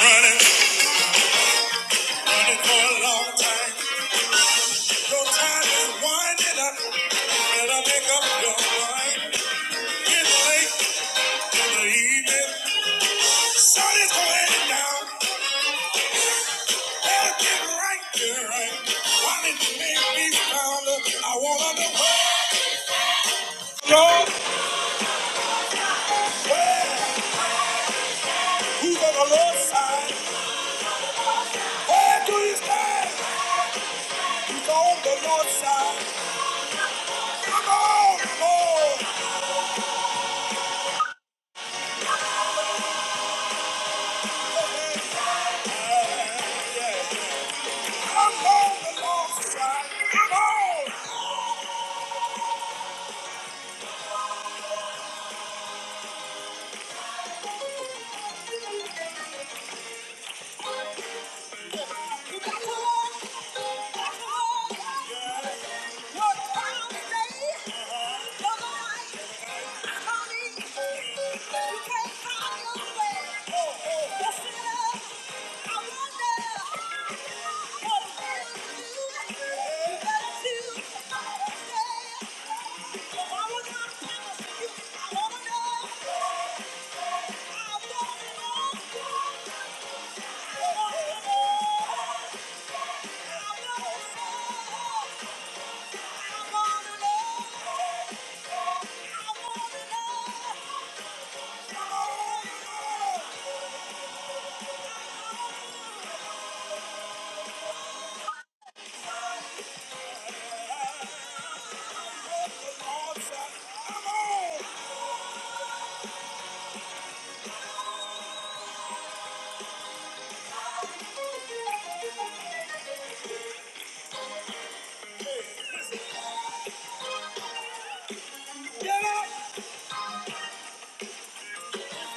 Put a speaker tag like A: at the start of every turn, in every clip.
A: Running, running for a long time. Your time is winding up. Better make up your mind. It's late in the evening. Sun is going down. Better get right, get right. While you may me found, I wanna know where, Lord, where? Who's on the Lord's side? Where do you stand? Who's on the Lord's side? I'm on, Lord. I'm on the Lord's side. I'm on. I wanna know. Get up!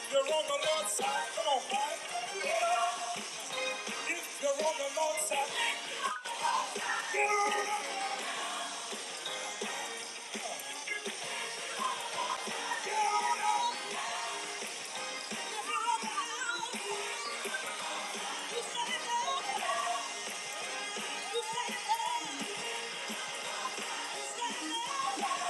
A: You're on the north side. Come on, Get up! If you're on the north side, get up! Get up! I know what I wanna know.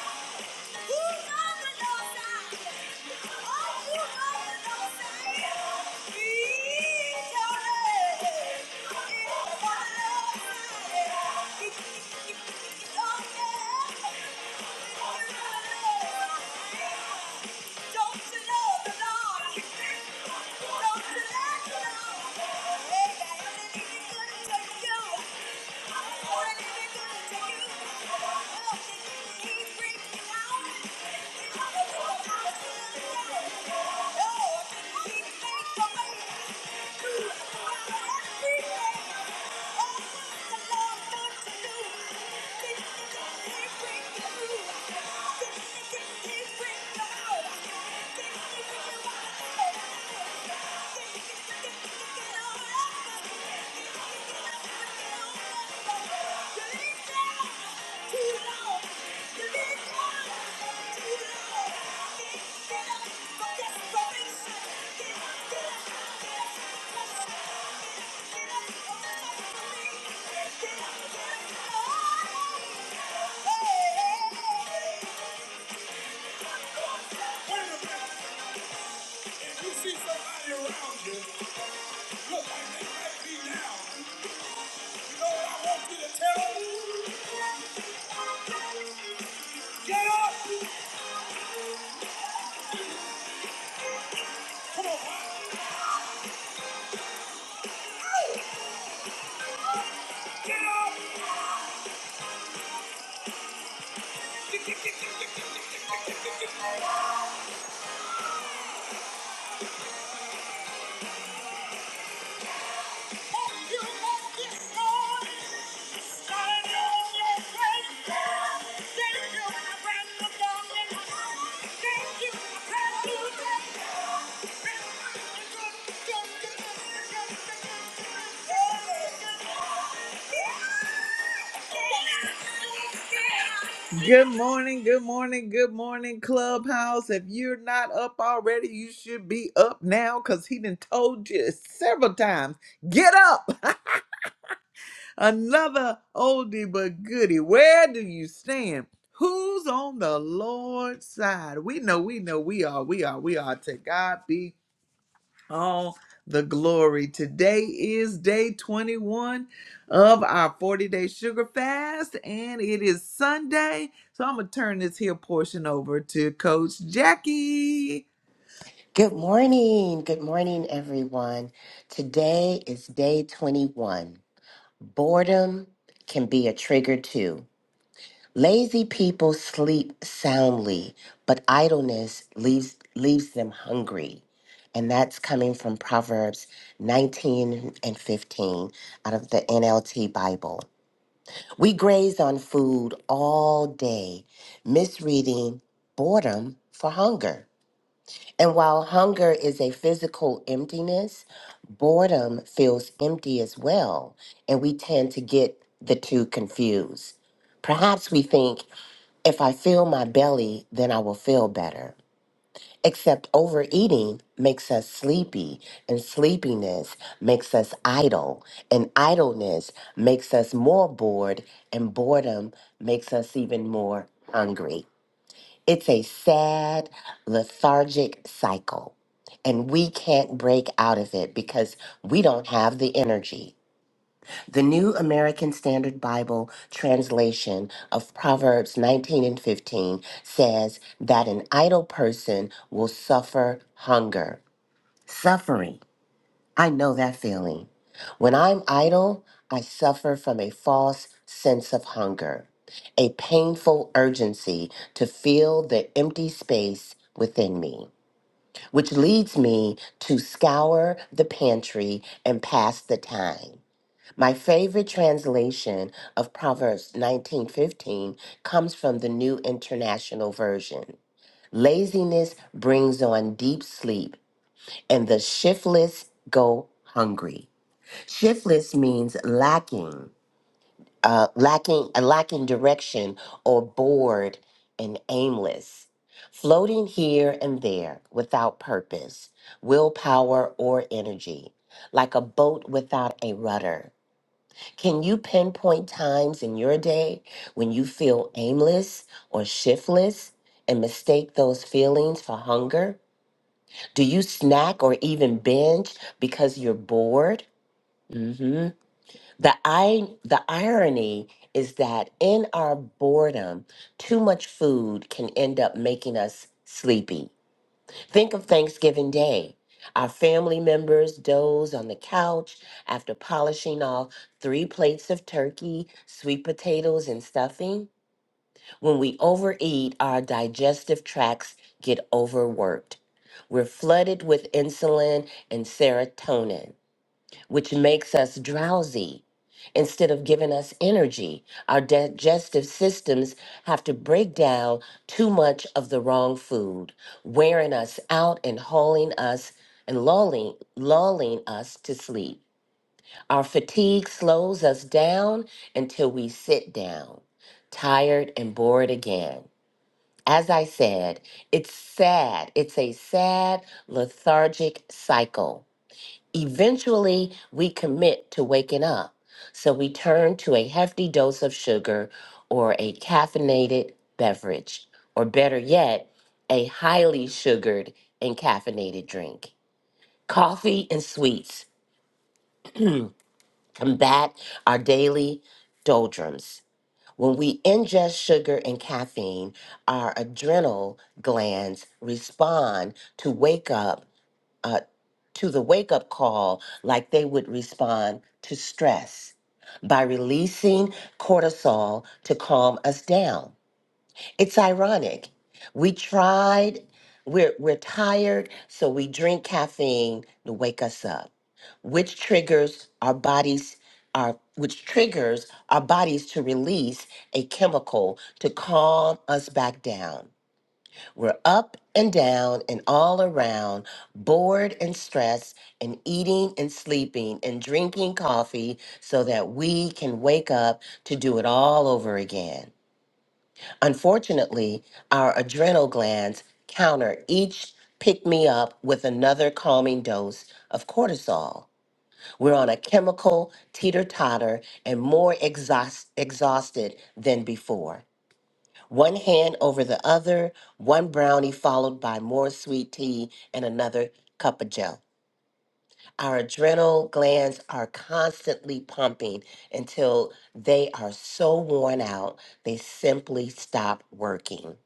A: Oh, Thank you. Don't you know the Lord? Don't you like the Lord? Hey, God, when good to you, when he be good to you, look, he brings you out. Oh, Thank you. Wait a minute. If you see somebody around you look like they might be now, you know what I want you to tell them? Get up, I hope you up this morning. Stand on your faith. Thank you, my friend, for coming. Thank you, my friend, for coming. Thank you, my friend, for coming. Good morning, good morning, good morning, Clubhouse. If you're not up already, you should be up now because he done told you several times. Get up! Another oldie but goodie. Where do you stand? Who's on the Lord's side? We know, we know, we are, we are, we are. To God be all the glory. Today is day 21 of our 40 day sugar fast, and it is Sunday. So I'm going to turn this here portion over to Coach Jackie.
B: Good morning. Good morning, everyone. Today is day 21. Boredom can be a trigger too. Lazy people sleep soundly, but idleness leaves, leaves them hungry. And that's coming from Proverbs 19 and 15 out of the NLT Bible. We graze on food all day, misreading boredom for hunger. And while hunger is a physical emptiness, boredom feels empty as well. And we tend to get the two confused. Perhaps we think if I fill my belly, then I will feel better. Except overeating makes us sleepy, and sleepiness makes us idle, and idleness makes us more bored, and boredom makes us even more hungry. It's a sad, lethargic cycle. And we can't break out of it because we don't have the energy. The New American Standard Bible translation of Proverbs 19 and 15 says that an idle person will suffer hunger. Suffering. I know that feeling. When I'm idle, I suffer from a false sense of hunger, a painful urgency to fill the empty space within me, which leads me to scour the pantry and pass the time. My favorite translation of Proverbs 19:15 comes from the New International Version. Laziness brings on deep sleep, and the shiftless go hungry. Shiftless means lacking, uh, lacking, uh, lacking direction, or bored and aimless, floating here and there without purpose, willpower, or energy, like a boat without a rudder. Can you pinpoint times in your day when you feel aimless or shiftless? And mistake those feelings for hunger? Do you snack or even binge because you're bored? Mm-hmm the i the irony is that in our boredom too much food can end up making us sleepy think of thanksgiving day our family members doze on the couch after polishing off three plates of turkey sweet potatoes and stuffing when we overeat our digestive tracts get overworked we're flooded with insulin and serotonin which makes us drowsy instead of giving us energy. Our digestive systems have to break down too much of the wrong food, wearing us out and hauling us and lulling, lulling us to sleep. Our fatigue slows us down until we sit down, tired and bored again. As I said, it's sad. It's a sad, lethargic cycle Eventually, we commit to waking up, so we turn to a hefty dose of sugar or a caffeinated beverage, or better yet, a highly sugared and caffeinated drink. Coffee and sweets combat our daily doldrums. When we ingest sugar and caffeine, our adrenal glands respond to wake up uh, to the wake up call like they would respond to stress by releasing cortisol to calm us down. It's ironic. We tried, we're, we're tired, so we drink caffeine to wake us up, which triggers our bodies. Our, which triggers our bodies to release a chemical to calm us back down. We're up and down and all around, bored and stressed, and eating and sleeping and drinking coffee so that we can wake up to do it all over again. Unfortunately, our adrenal glands counter each pick me up with another calming dose of cortisol. We're on a chemical teeter totter and more exhaust- exhausted than before. One hand over the other, one brownie followed by more sweet tea and another cup of gel. Our adrenal glands are constantly pumping until they are so worn out, they simply stop working.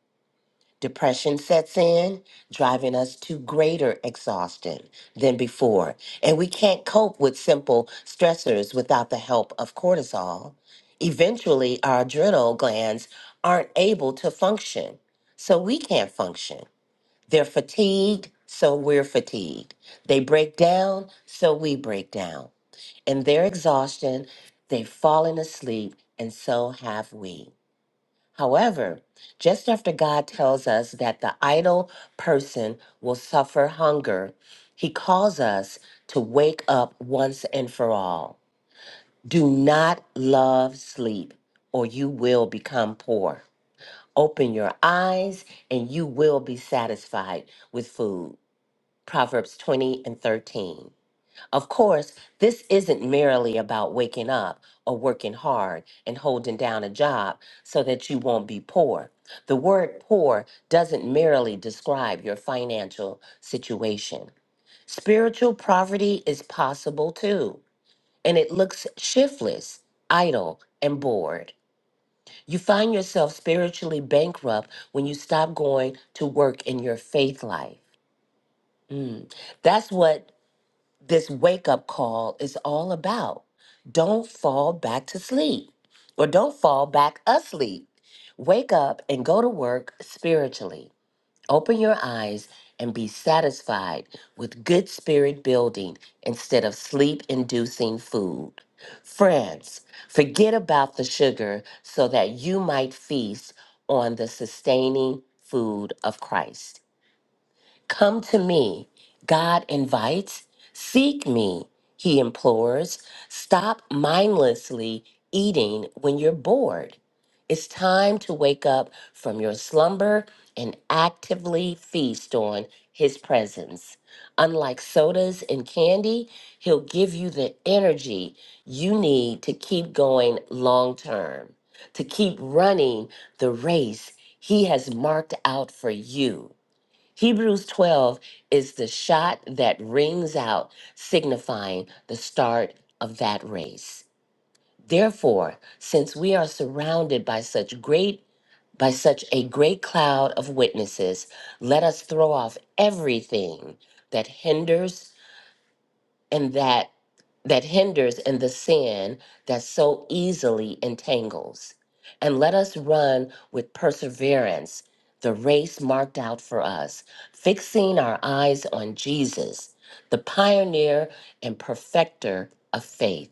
B: Depression sets in, driving us to greater exhaustion than before. And we can't cope with simple stressors without the help of cortisol. Eventually, our adrenal glands aren't able to function. So we can't function. They're fatigued, so we're fatigued. They break down, so we break down. In their exhaustion, they've fallen asleep, and so have we. However, just after God tells us that the idle person will suffer hunger, he calls us to wake up once and for all. Do not love sleep, or you will become poor. Open your eyes, and you will be satisfied with food. Proverbs 20 and 13. Of course, this isn't merely about waking up or working hard and holding down a job so that you won't be poor. The word poor doesn't merely describe your financial situation. Spiritual poverty is possible too, and it looks shiftless, idle, and bored. You find yourself spiritually bankrupt when you stop going to work in your faith life. Mm. That's what this wake up call is all about. Don't fall back to sleep or don't fall back asleep. Wake up and go to work spiritually. Open your eyes and be satisfied with good spirit building instead of sleep inducing food. Friends, forget about the sugar so that you might feast on the sustaining food of Christ. Come to me, God invites. Seek me, he implores. Stop mindlessly eating when you're bored. It's time to wake up from your slumber and actively feast on his presence. Unlike sodas and candy, he'll give you the energy you need to keep going long term, to keep running the race he has marked out for you. Hebrews 12 is the shot that rings out, signifying the start of that race. Therefore, since we are surrounded by such great by such a great cloud of witnesses, let us throw off everything that hinders and that that hinders and the sin that so easily entangles. And let us run with perseverance the race marked out for us, fixing our eyes on Jesus, the pioneer and perfecter of faith.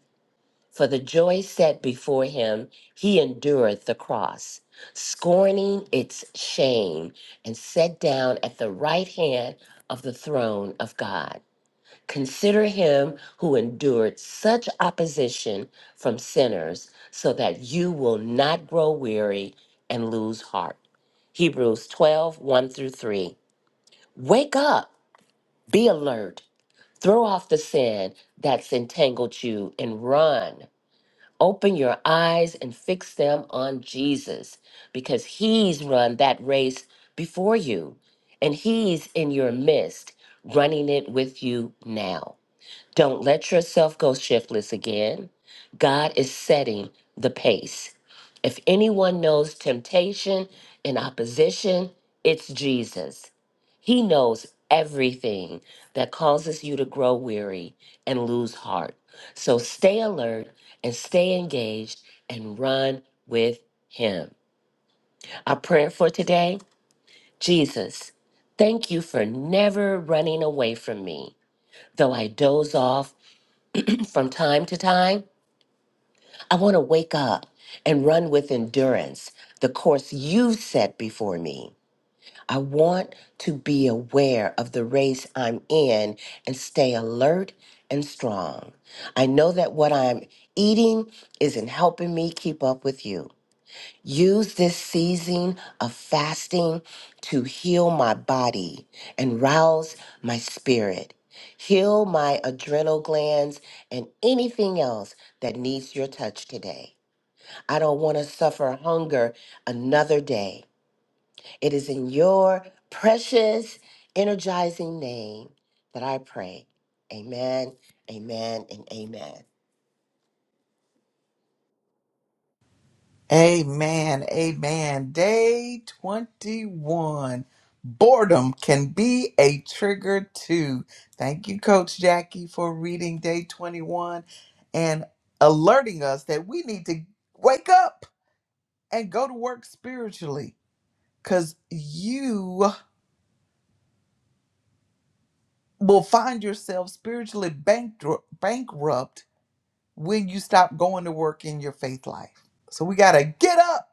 B: For the joy set before him, he endured the cross, scorning its shame, and sat down at the right hand of the throne of God. Consider him who endured such opposition from sinners so that you will not grow weary and lose heart. Hebrews twelve one through 3. Wake up, be alert, throw off the sin that's entangled you and run. Open your eyes and fix them on Jesus because he's run that race before you and he's in your midst, running it with you now. Don't let yourself go shiftless again. God is setting the pace. If anyone knows temptation and opposition, it's Jesus. He knows everything that causes you to grow weary and lose heart. So stay alert and stay engaged and run with Him. Our prayer for today Jesus, thank you for never running away from me. Though I doze off from time to time, I want to wake up and run with endurance the course you've set before me. I want to be aware of the race I'm in and stay alert and strong. I know that what I'm eating isn't helping me keep up with you. Use this season of fasting to heal my body and rouse my spirit. Heal my adrenal glands and anything else that needs your touch today. I don't want to suffer hunger another day. It is in your precious, energizing name that I pray. Amen, amen, and amen.
A: Amen. Amen. Day 21. Boredom can be a trigger too. Thank you, Coach Jackie, for reading day 21 and alerting us that we need to wake up and go to work spiritually because you will find yourself spiritually bankru- bankrupt when you stop going to work in your faith life. So we got to get up,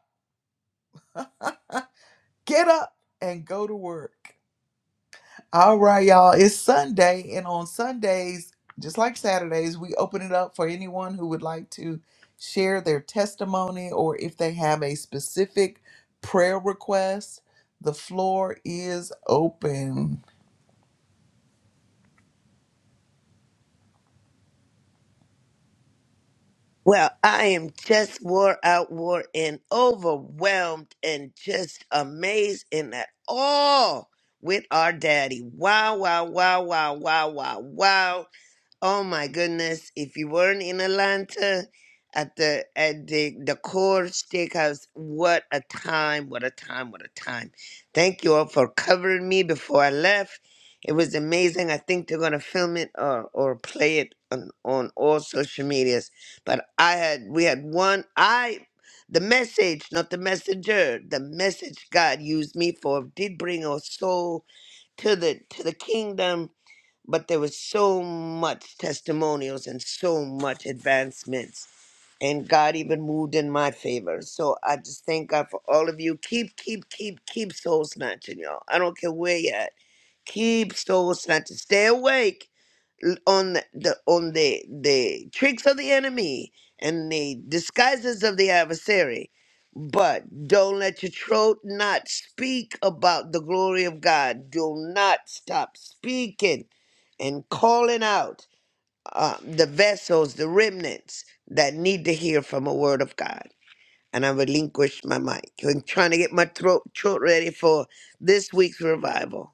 A: get up, and go to work. All right, y'all. It's Sunday, and on Sundays, just like Saturdays, we open it up for anyone who would like to share their testimony or if they have a specific prayer request. The floor is open.
C: Well, I am just wore out, wore and overwhelmed, and just amazed and at all with our daddy. Wow, wow, wow, wow, wow, wow, wow. Oh my goodness! If you weren't in Atlanta at the at the the core steakhouse, what a time! What a time! What a time! Thank you all for covering me before I left. It was amazing. I think they're gonna film it or or play it on on all social medias. But I had we had one I. The message, not the messenger. The message God used me for did bring a soul to the to the kingdom but there was so much testimonials and so much advancements and god even moved in my favor so i just thank god for all of you keep keep keep keep soul snatching y'all i don't care where you're at keep soul snatching stay awake l- on the on the the tricks of the enemy and the disguises of the adversary but don't let your throat not speak about the glory of god do not stop speaking and calling out uh, the vessels the remnants that need to hear from a word of god and i relinquish my mic i'm trying to get my throat, throat ready for this week's revival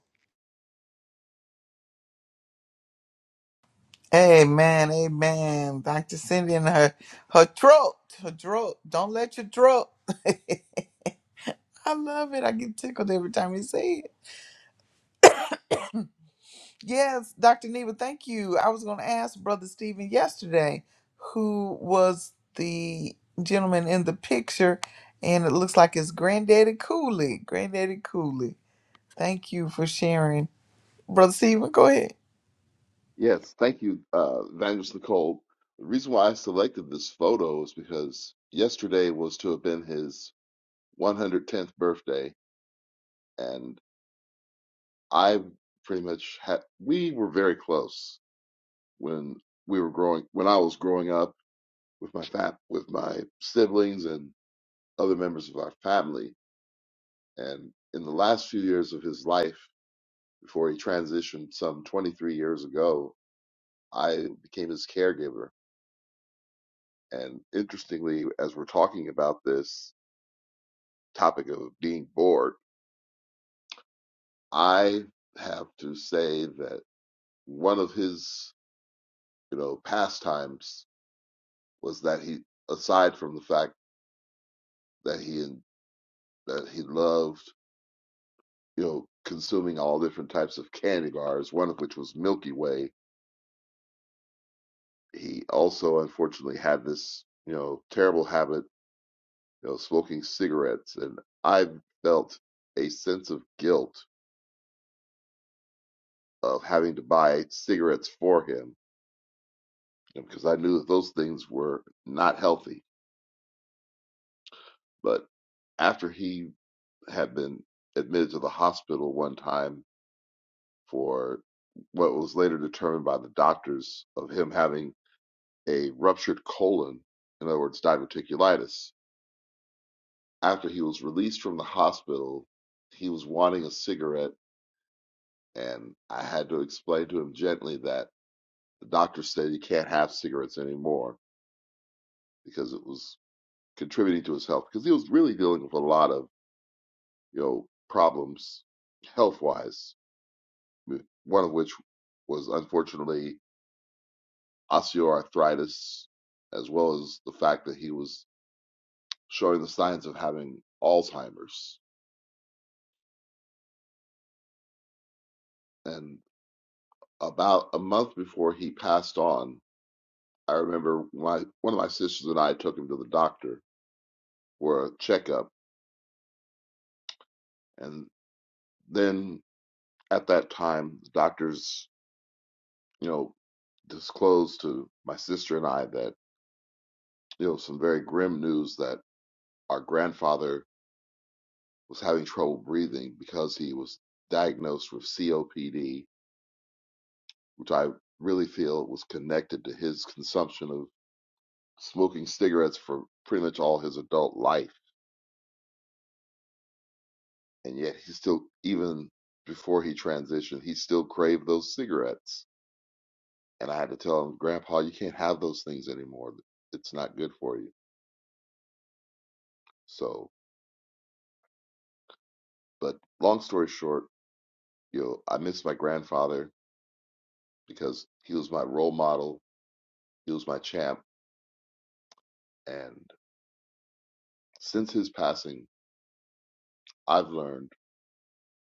A: Amen, amen. Dr. Cindy and her her throat, her throat. Don't let your throat. I love it. I get tickled every time you say it. Yes, Dr. Neva, thank you. I was going to ask Brother Stephen yesterday who was the gentleman in the picture, and it looks like it's Granddaddy Cooley. Granddaddy Cooley. Thank you for sharing. Brother Stephen, go ahead.
D: Yes, thank you, uh, Evangelist Nicole. The reason why I selected this photo is because yesterday was to have been his 110th birthday, and I pretty much had, we were very close when we were growing, when I was growing up with my fam, with my siblings and other members of our family. And in the last few years of his life, before he transitioned some 23 years ago, I became his caregiver And interestingly, as we're talking about this topic of being bored, I have to say that one of his, you know, pastimes was that he, aside from the fact that he that he loved, you know, consuming all different types of candy bars, one of which was Milky Way. He also, unfortunately, had this, you know, terrible habit, you know, smoking cigarettes, and I felt a sense of guilt of having to buy cigarettes for him because I knew that those things were not healthy. But after he had been admitted to the hospital one time for what was later determined by the doctors of him having a ruptured colon, in other words, diverticulitis, after he was released from the hospital, he was wanting a cigarette, and I had to explain to him gently that the doctor said he can't have cigarettes anymore because it was contributing to his health because he was really dealing with a lot of you know problems health wise. One of which was unfortunately osteoarthritis, as well as the fact that he was showing the signs of having Alzheimer's. And about a month before he passed on, I remember my one of my sisters and I took him to the doctor for a checkup, and then at that time, the doctors, you know, disclosed to my sister and I that You know some very grim news that our grandfather was having trouble breathing because he was diagnosed with COPD, which I really feel was connected to his consumption of smoking cigarettes for pretty much all his adult life. And yet he still, even before he transitioned, he still craved those cigarettes. And I had to tell him, Grandpa, you can't have those things anymore. It's not good for you. So, but long story short, you know, I miss my grandfather because he was my role model He was my champ, and since his passing, I've learned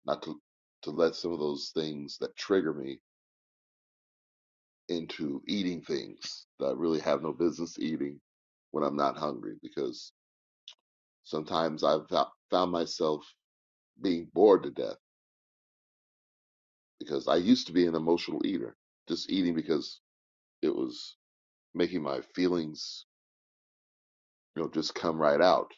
D: not to to let some of those things that trigger me into eating things that I really have no business eating when I'm not hungry, because sometimes I've found myself being bored to death because I used to be an emotional eater, just eating because it was making my feelings, you know, just come right out.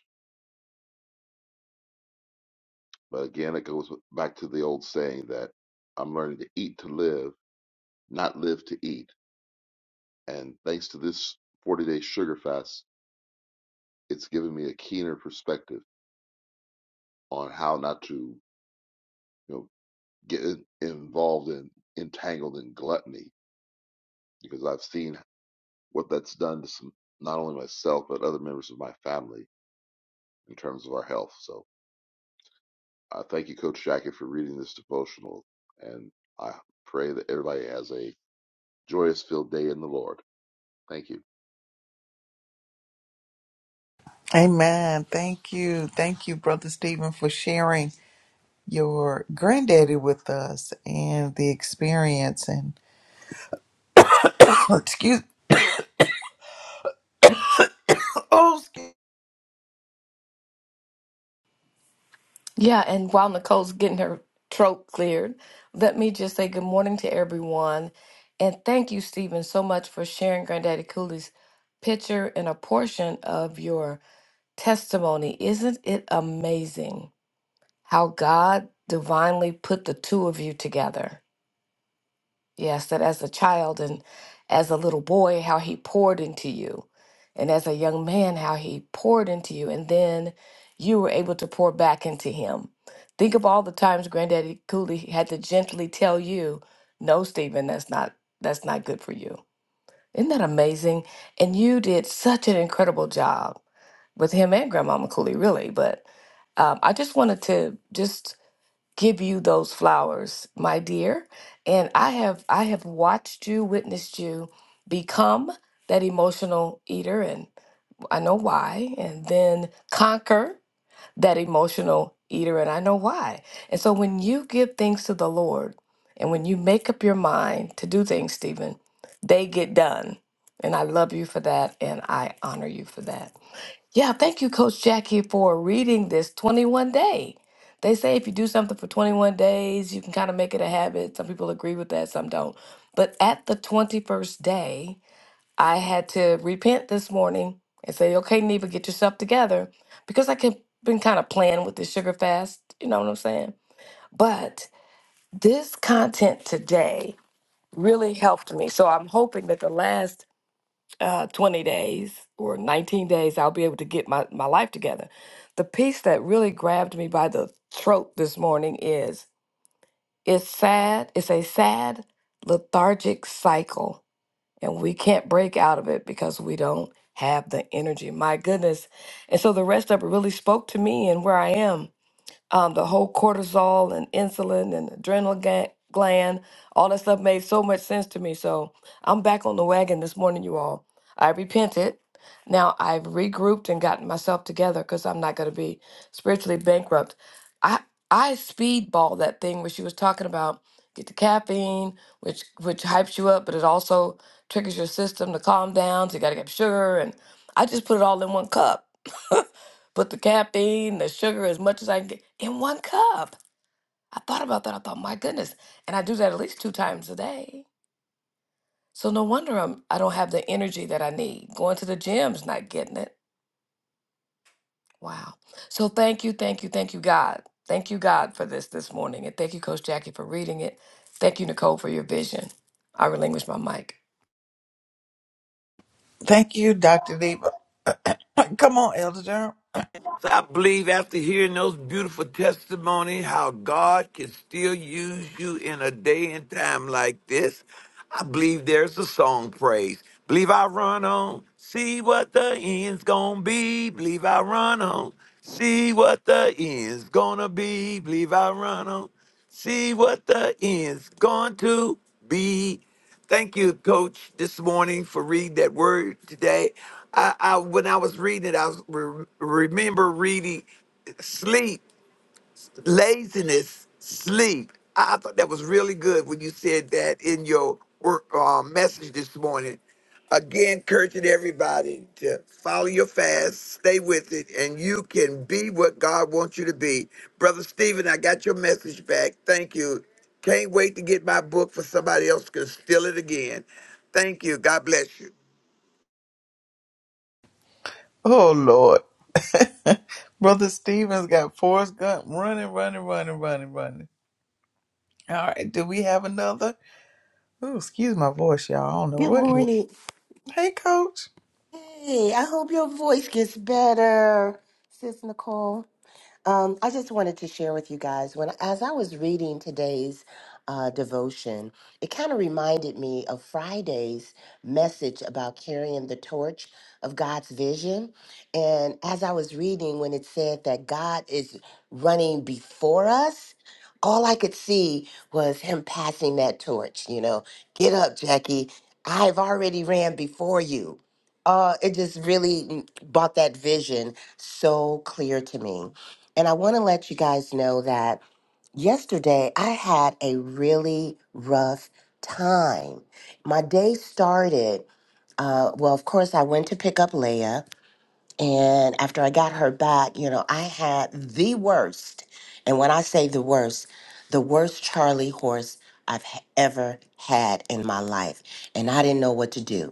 D: But again, it goes back to the old saying that I'm learning to eat to live, not live to eat And thanks to this 40 day sugar fast, it's given me a keener perspective on how not to, you know, get involved in entangled in gluttony because I've seen what that's done to some, not only myself, but other members of my family in terms of our health. So I thank you, Coach Jackie, for reading this devotional. And I pray that everybody has a joyous filled day in the Lord. Thank you.
A: Amen. Thank you. Thank you, Brother Stephen, for sharing. your granddaddy with us and the experience and excuse oh excuse,
E: Yeah, and while Nicole's getting her throat cleared, let me just say good morning to everyone. And thank you, Stephen, so much for sharing Granddaddy Cooley's picture and a portion of your testimony. Isn't it amazing how God divinely put the two of you together? Yes, that as a child and as a little boy, how he poured into you. And as a young man, how he poured into you. And then you were able to pour back into him. Think of all the times Granddaddy Cooley had to gently tell you, no, Stephen, that's not that's not good for you. Isn't that amazing? And you did such an incredible job with him and Grandmama Cooley, really. But um, I just wanted to just give you those flowers, my dear. And I have I have watched you, witnessed you become that emotional eater and I know why, and then conquer that emotional eater and I know why. And so when you give things to the Lord and when you make up your mind to do things, Stephen, they get done. And I love you for that and I honor you for that. Yeah, thank you, Coach Jackie, for reading this 21 day. They say if you do something for 21 days, you can kind of make it a habit. Some people agree with that, some don't. But at the 21st day, I had to repent this morning and say, okay, Neva, get yourself together because I kept been kind of playing with the sugar fast. You know what I'm saying? But this content today really helped me. So I'm hoping that the last uh, 20 days or 19 days, I'll be able to get my, my life together. The piece that really grabbed me by the throat this morning is it's sad, it's a sad, lethargic cycle, and we can't break out of it because we don't have the energy. My goodness. And so the rest of it really spoke to me and where I am um, the whole cortisol and insulin and adrenal ga- gland, all that stuff made so much sense to me. So I'm back on the wagon this morning, you all. I repented. Now I've regrouped and gotten myself together because I'm not going to be spiritually bankrupt. I I speedball that thing where she was talking about get the caffeine, which which hypes you up, but it also triggers your system to calm down. So you got to get sugar, and I just put it all in one cup put the caffeine, the sugar, as much as I can get in one cup. I thought about that. I thought, my goodness. And I do that at least two times a day. So no wonder I'm, I don't have the energy that I need. Going to the gym's not getting it. Wow. So thank you, thank you, thank you, God. Thank you, God, for this this morning. And thank you, Coach Jackie, for reading it. Thank you, Nicole, for your vision. I relinquish my mic.
A: thank you dr Neva. come on elder Durham.
F: So I believe after hearing those beautiful testimonies, how God can still use you in a day and time like this, I believe there's a song praise. Believe I run on, see what the end's gonna be. Believe I run on, see what the end's gonna be. Believe I run on, see what the end's going to be. Thank you, Coach, this morning for reading that word today. I, I when I was reading it, I was re- remember reading sleep laziness, sleep. I thought that was really good when you said that in your work uh, message this morning. Again, encouraging everybody to follow your fast, stay with it, and you can be what God wants you to be. Brother Stephen, I got your message back. Thank you. Can't wait to get my book for somebody else can steal it again. Thank you. God bless you.
A: oh lord brother stevens got Forrest Gump running running running running running all right do we have another oh excuse my voice y'all i don't know
B: Good
A: what in the world.
B: morning.
A: hey coach
B: Hey, I hope your voice gets better, Sis Nicole. Um, I just wanted to share with you guys when, as I was reading today's uh, devotion, it kind of reminded me of Friday's message about carrying the torch of God's vision. And as I was reading, when it said that God is running before us, all I could see was Him passing that torch. You know, get up, Jackie. I've already ran before you. Uh, it just really mm, brought that vision so clear to me. And I want to let you guys know that yesterday I had a really rough time. My day started, uh, well, of course, I went to pick up Leia. And after I got her back, you know, I had the worst. And when I say the worst, the worst Charlie horse I've h- ever had in my life. And I didn't know what to do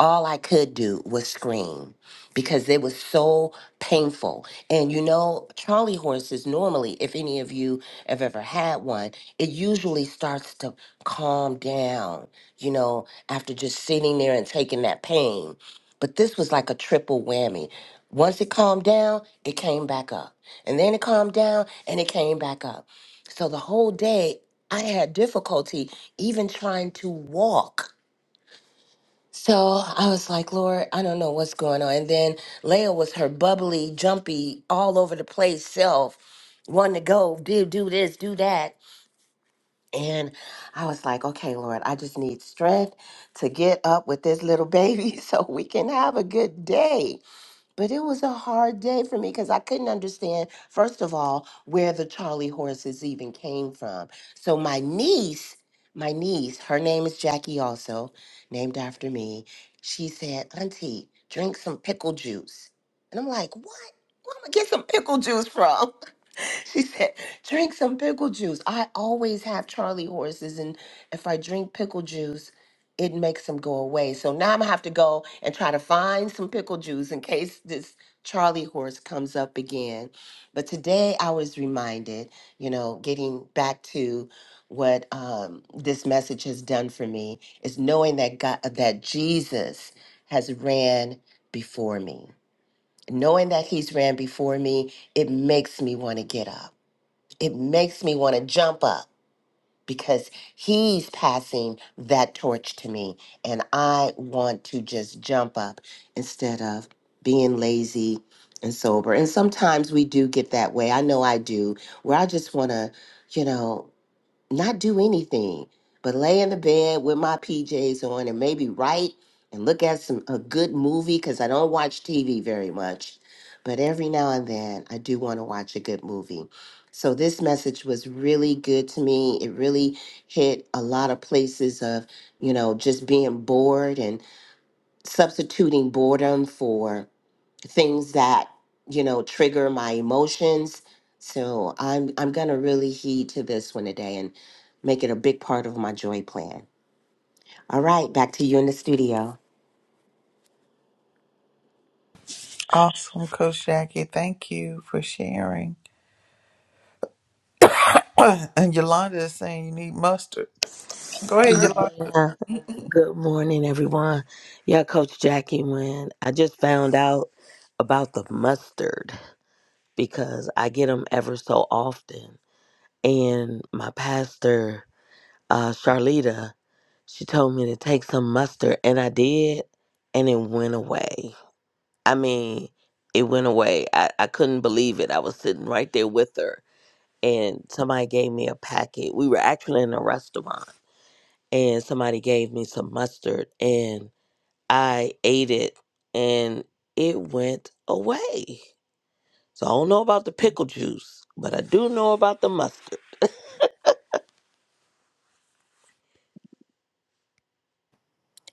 B: all I could do was scream because it was so painful. And you know, Charlie horses normally, if any of you have ever had one, it usually starts to calm down, you know, after just sitting there and taking that pain. But this was like a triple whammy. Once it calmed down, it came back up. And then it calmed down and it came back up. So the whole day, I had difficulty even trying to walk so I was like, Lord, I don't know what's going on. And then Leah was her bubbly, jumpy, all over the place self, wanting to go, do, do this, do that. And I was like, okay, Lord, I just need strength to get up with this little baby so we can have a good day. But it was a hard day for me because I couldn't understand, first of all, where the Charlie horses even came from. So my niece, my niece, her name is Jackie, also named after me. She said, Auntie, drink some pickle juice. And I'm like, What? Where am I get some pickle juice from? She said, drink some pickle juice. I always have Charlie horses, and if I drink pickle juice, it makes them go away. So now I'm gonna have to go and try to find some pickle juice in case this Charlie horse comes up again. But today I was reminded, you know, getting back to what um, this message has done for me is knowing that God, that Jesus has ran before me. Knowing that He's ran before me, it makes me want to get up it makes me want to jump up because he's passing that torch to me and i want to just jump up instead of being lazy and sober and sometimes we do get that way i know i do where i just want to you know not do anything but lay in the bed with my PJs on and maybe write and look at some a good movie cuz I don't watch TV very much. But every now and then I do want to watch a good movie. So this message was really good to me. It really hit a lot of places of, you know, just being bored and substituting boredom for things that you know trigger my emotions so i'm i'm gonna really heed to this one today and make it a big part of my joy plan all right back to you in the studio
A: awesome coach jackie thank you for sharing and yolanda is saying you need mustard go ahead
G: Yeah, good morning, everyone. Yeah, Coach Jackie, when I just found out about the mustard because I get them ever so often, and my pastor, uh, Charlita, she told me to take some mustard, and I did, and it went away. I mean, it went away. I, I couldn't believe it. I was sitting right there with her, and somebody gave me a packet. We were actually in a restaurant, and somebody gave me some mustard, and I ate it and it went away. So I don't know about the pickle juice, but I do know about the mustard.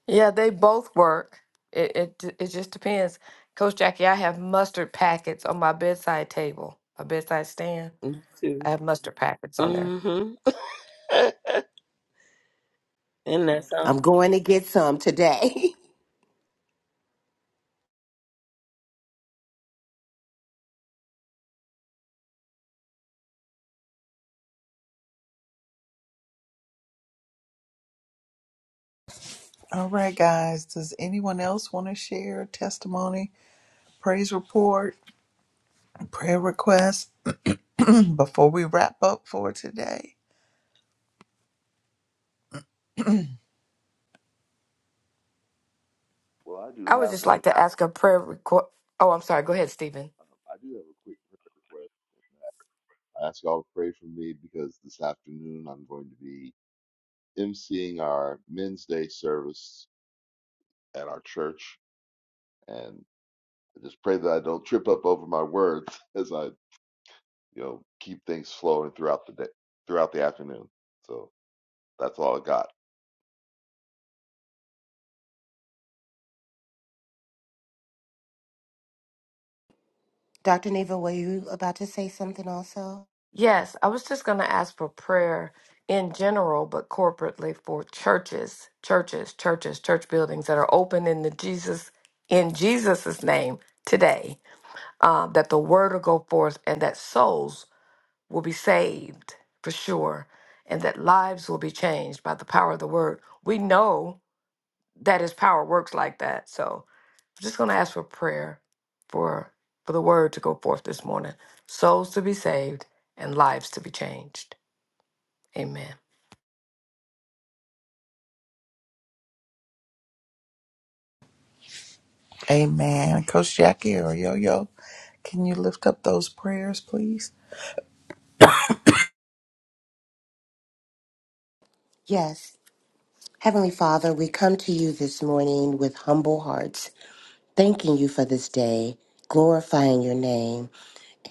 E: Yeah, they both work. It, it, d- it just depends. Coach Jackie, I have mustard packets on my bedside table, my bedside stand
G: Me
E: I
G: too.
E: have mustard packets on there.
G: Mm-hmm. Isn't that something?
B: i'm going to get some today
A: All right, guys. Does anyone else want to share a testimony, praise report, prayer request before we wrap up for today?
D: Well, I do
E: I would
D: have
E: just
D: one.
E: like to ask a prayer request. Oh, I'm sorry. Go ahead, Stephen.
D: Um, I do have a quick prayer request. I ask y'all to pray for me because this afternoon I'm going to be emceeing our Men's Day service at our church, and I just pray that I don't trip up over my words as I, you know, keep things flowing throughout the day, throughout the afternoon. So that's all I got.
B: dr neva were you about to say something also
E: Yes, I was just going to ask for prayer in general, but corporately for churches, churches, churches, church buildings that are open in the Jesus in Jesus's name today. um, that the word will go forth and that souls will be saved for sure and that lives will be changed by the power of the word. We know that his power works like that. So I'm just going to ask for prayer for for the word to go forth this morning. Souls to be saved and lives to be changed. Amen.
A: Amen. Coach Jackie or Yo Yo, can you lift up those prayers, please?
B: yes heavenly father we come to you this morning with humble hearts thanking you for this day glorifying your name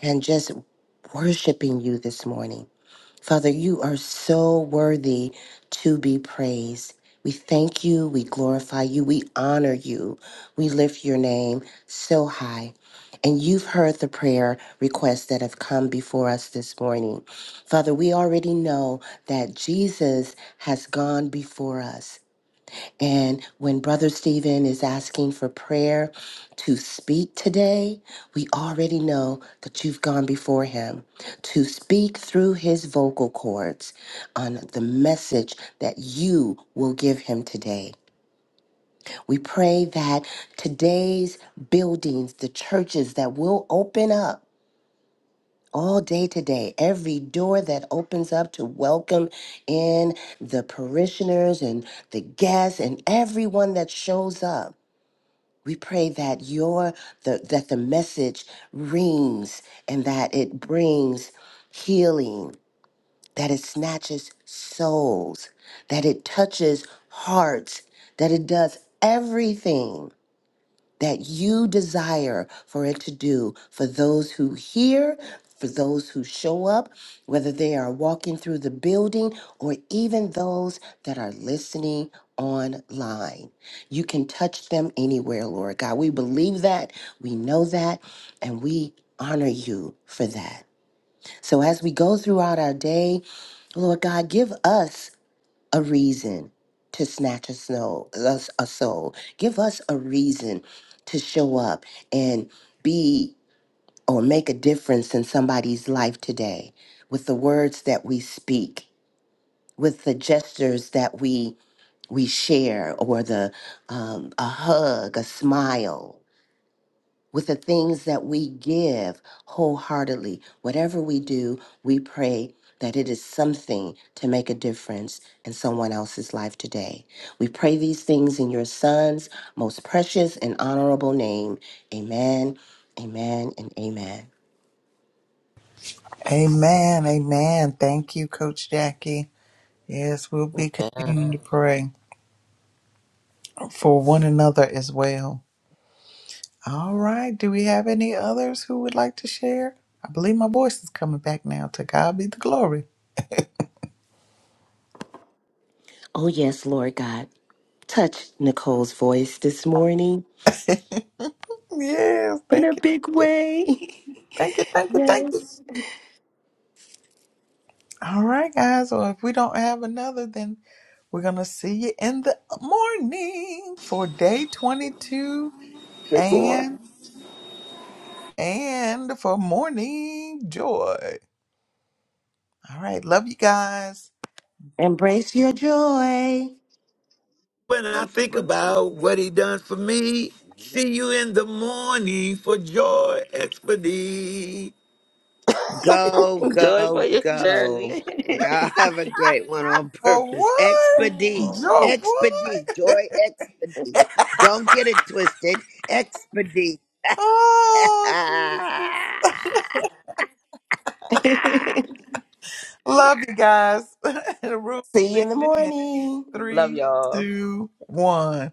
B: and just worshiping you this morning Father, you are so worthy to be praised. We thank you, we glorify you, we honor you, we lift your name so high. And you've heard the prayer requests that have come before us this morning. Father, we already know that Jesus has gone before us. And when Brother Stephen is asking for prayer to speak today, we already know that you've gone before him to speak through his vocal cords on the message that you will give him today. We pray that today's buildings, the churches that will open up, all day today, every door that opens up to welcome in the parishioners and the guests and everyone that shows up. We pray that your the, that the message rings and that it brings healing, that it snatches souls, that it touches hearts, that it does everything that you desire for it to do for those who hear, for those who show up, whether they are walking through the building or even those that are listening online. You can touch them anywhere, Lord God. We believe that, we know that, and we honor you for that. So as we go throughout our day, Lord God, give us a reason to snatch a, snow, us a soul. Give us a reason to show up and be or make a difference in somebody's life today with the words that we speak, with the gestures that we we share, or the um, a hug, a smile, with the things that we give wholeheartedly. Whatever we do, we pray that it is something to make a difference in someone else's life today. We pray these things in your son's most precious and honorable name. Amen, amen, and amen.
A: Amen. Amen. Thank you, Coach Jackie. Yes, we'll be continuing
G: Man.
A: to pray for one another as well. All right. Do we have any others who would like to share? I believe my voice is coming back now. To God be the glory.
B: Oh, yes, Lord God. Touch Nicole's voice this morning
A: Yes,
B: in a
A: thank you,
B: big way.
A: thank you, thank you, thank you.
B: yes.
A: All right, guys. So if we don't have another, then we're gonna see you in the morning for day twenty-two
F: Take care.
A: and and for morning joy. All right, love you guys.
B: Embrace your joy.
F: When I
D: Right.
F: think
D: Bless
F: about what he done for me, see you in the morning for joy expedite.
C: Go,
G: Joy for
C: go,
G: your
C: go.
G: journey.
C: Y'all have a great one on
A: For
C: purpose.
A: what?
C: Expedite.
A: Joy
B: See
C: Expedite.
A: what?
C: Joy, expedite. Don't get it twisted. Expedite.
A: oh Jesus. Love you guys. the room's
B: you in the
A: ending in
B: morning.
G: Love
A: three,
G: y'all.
A: two, one.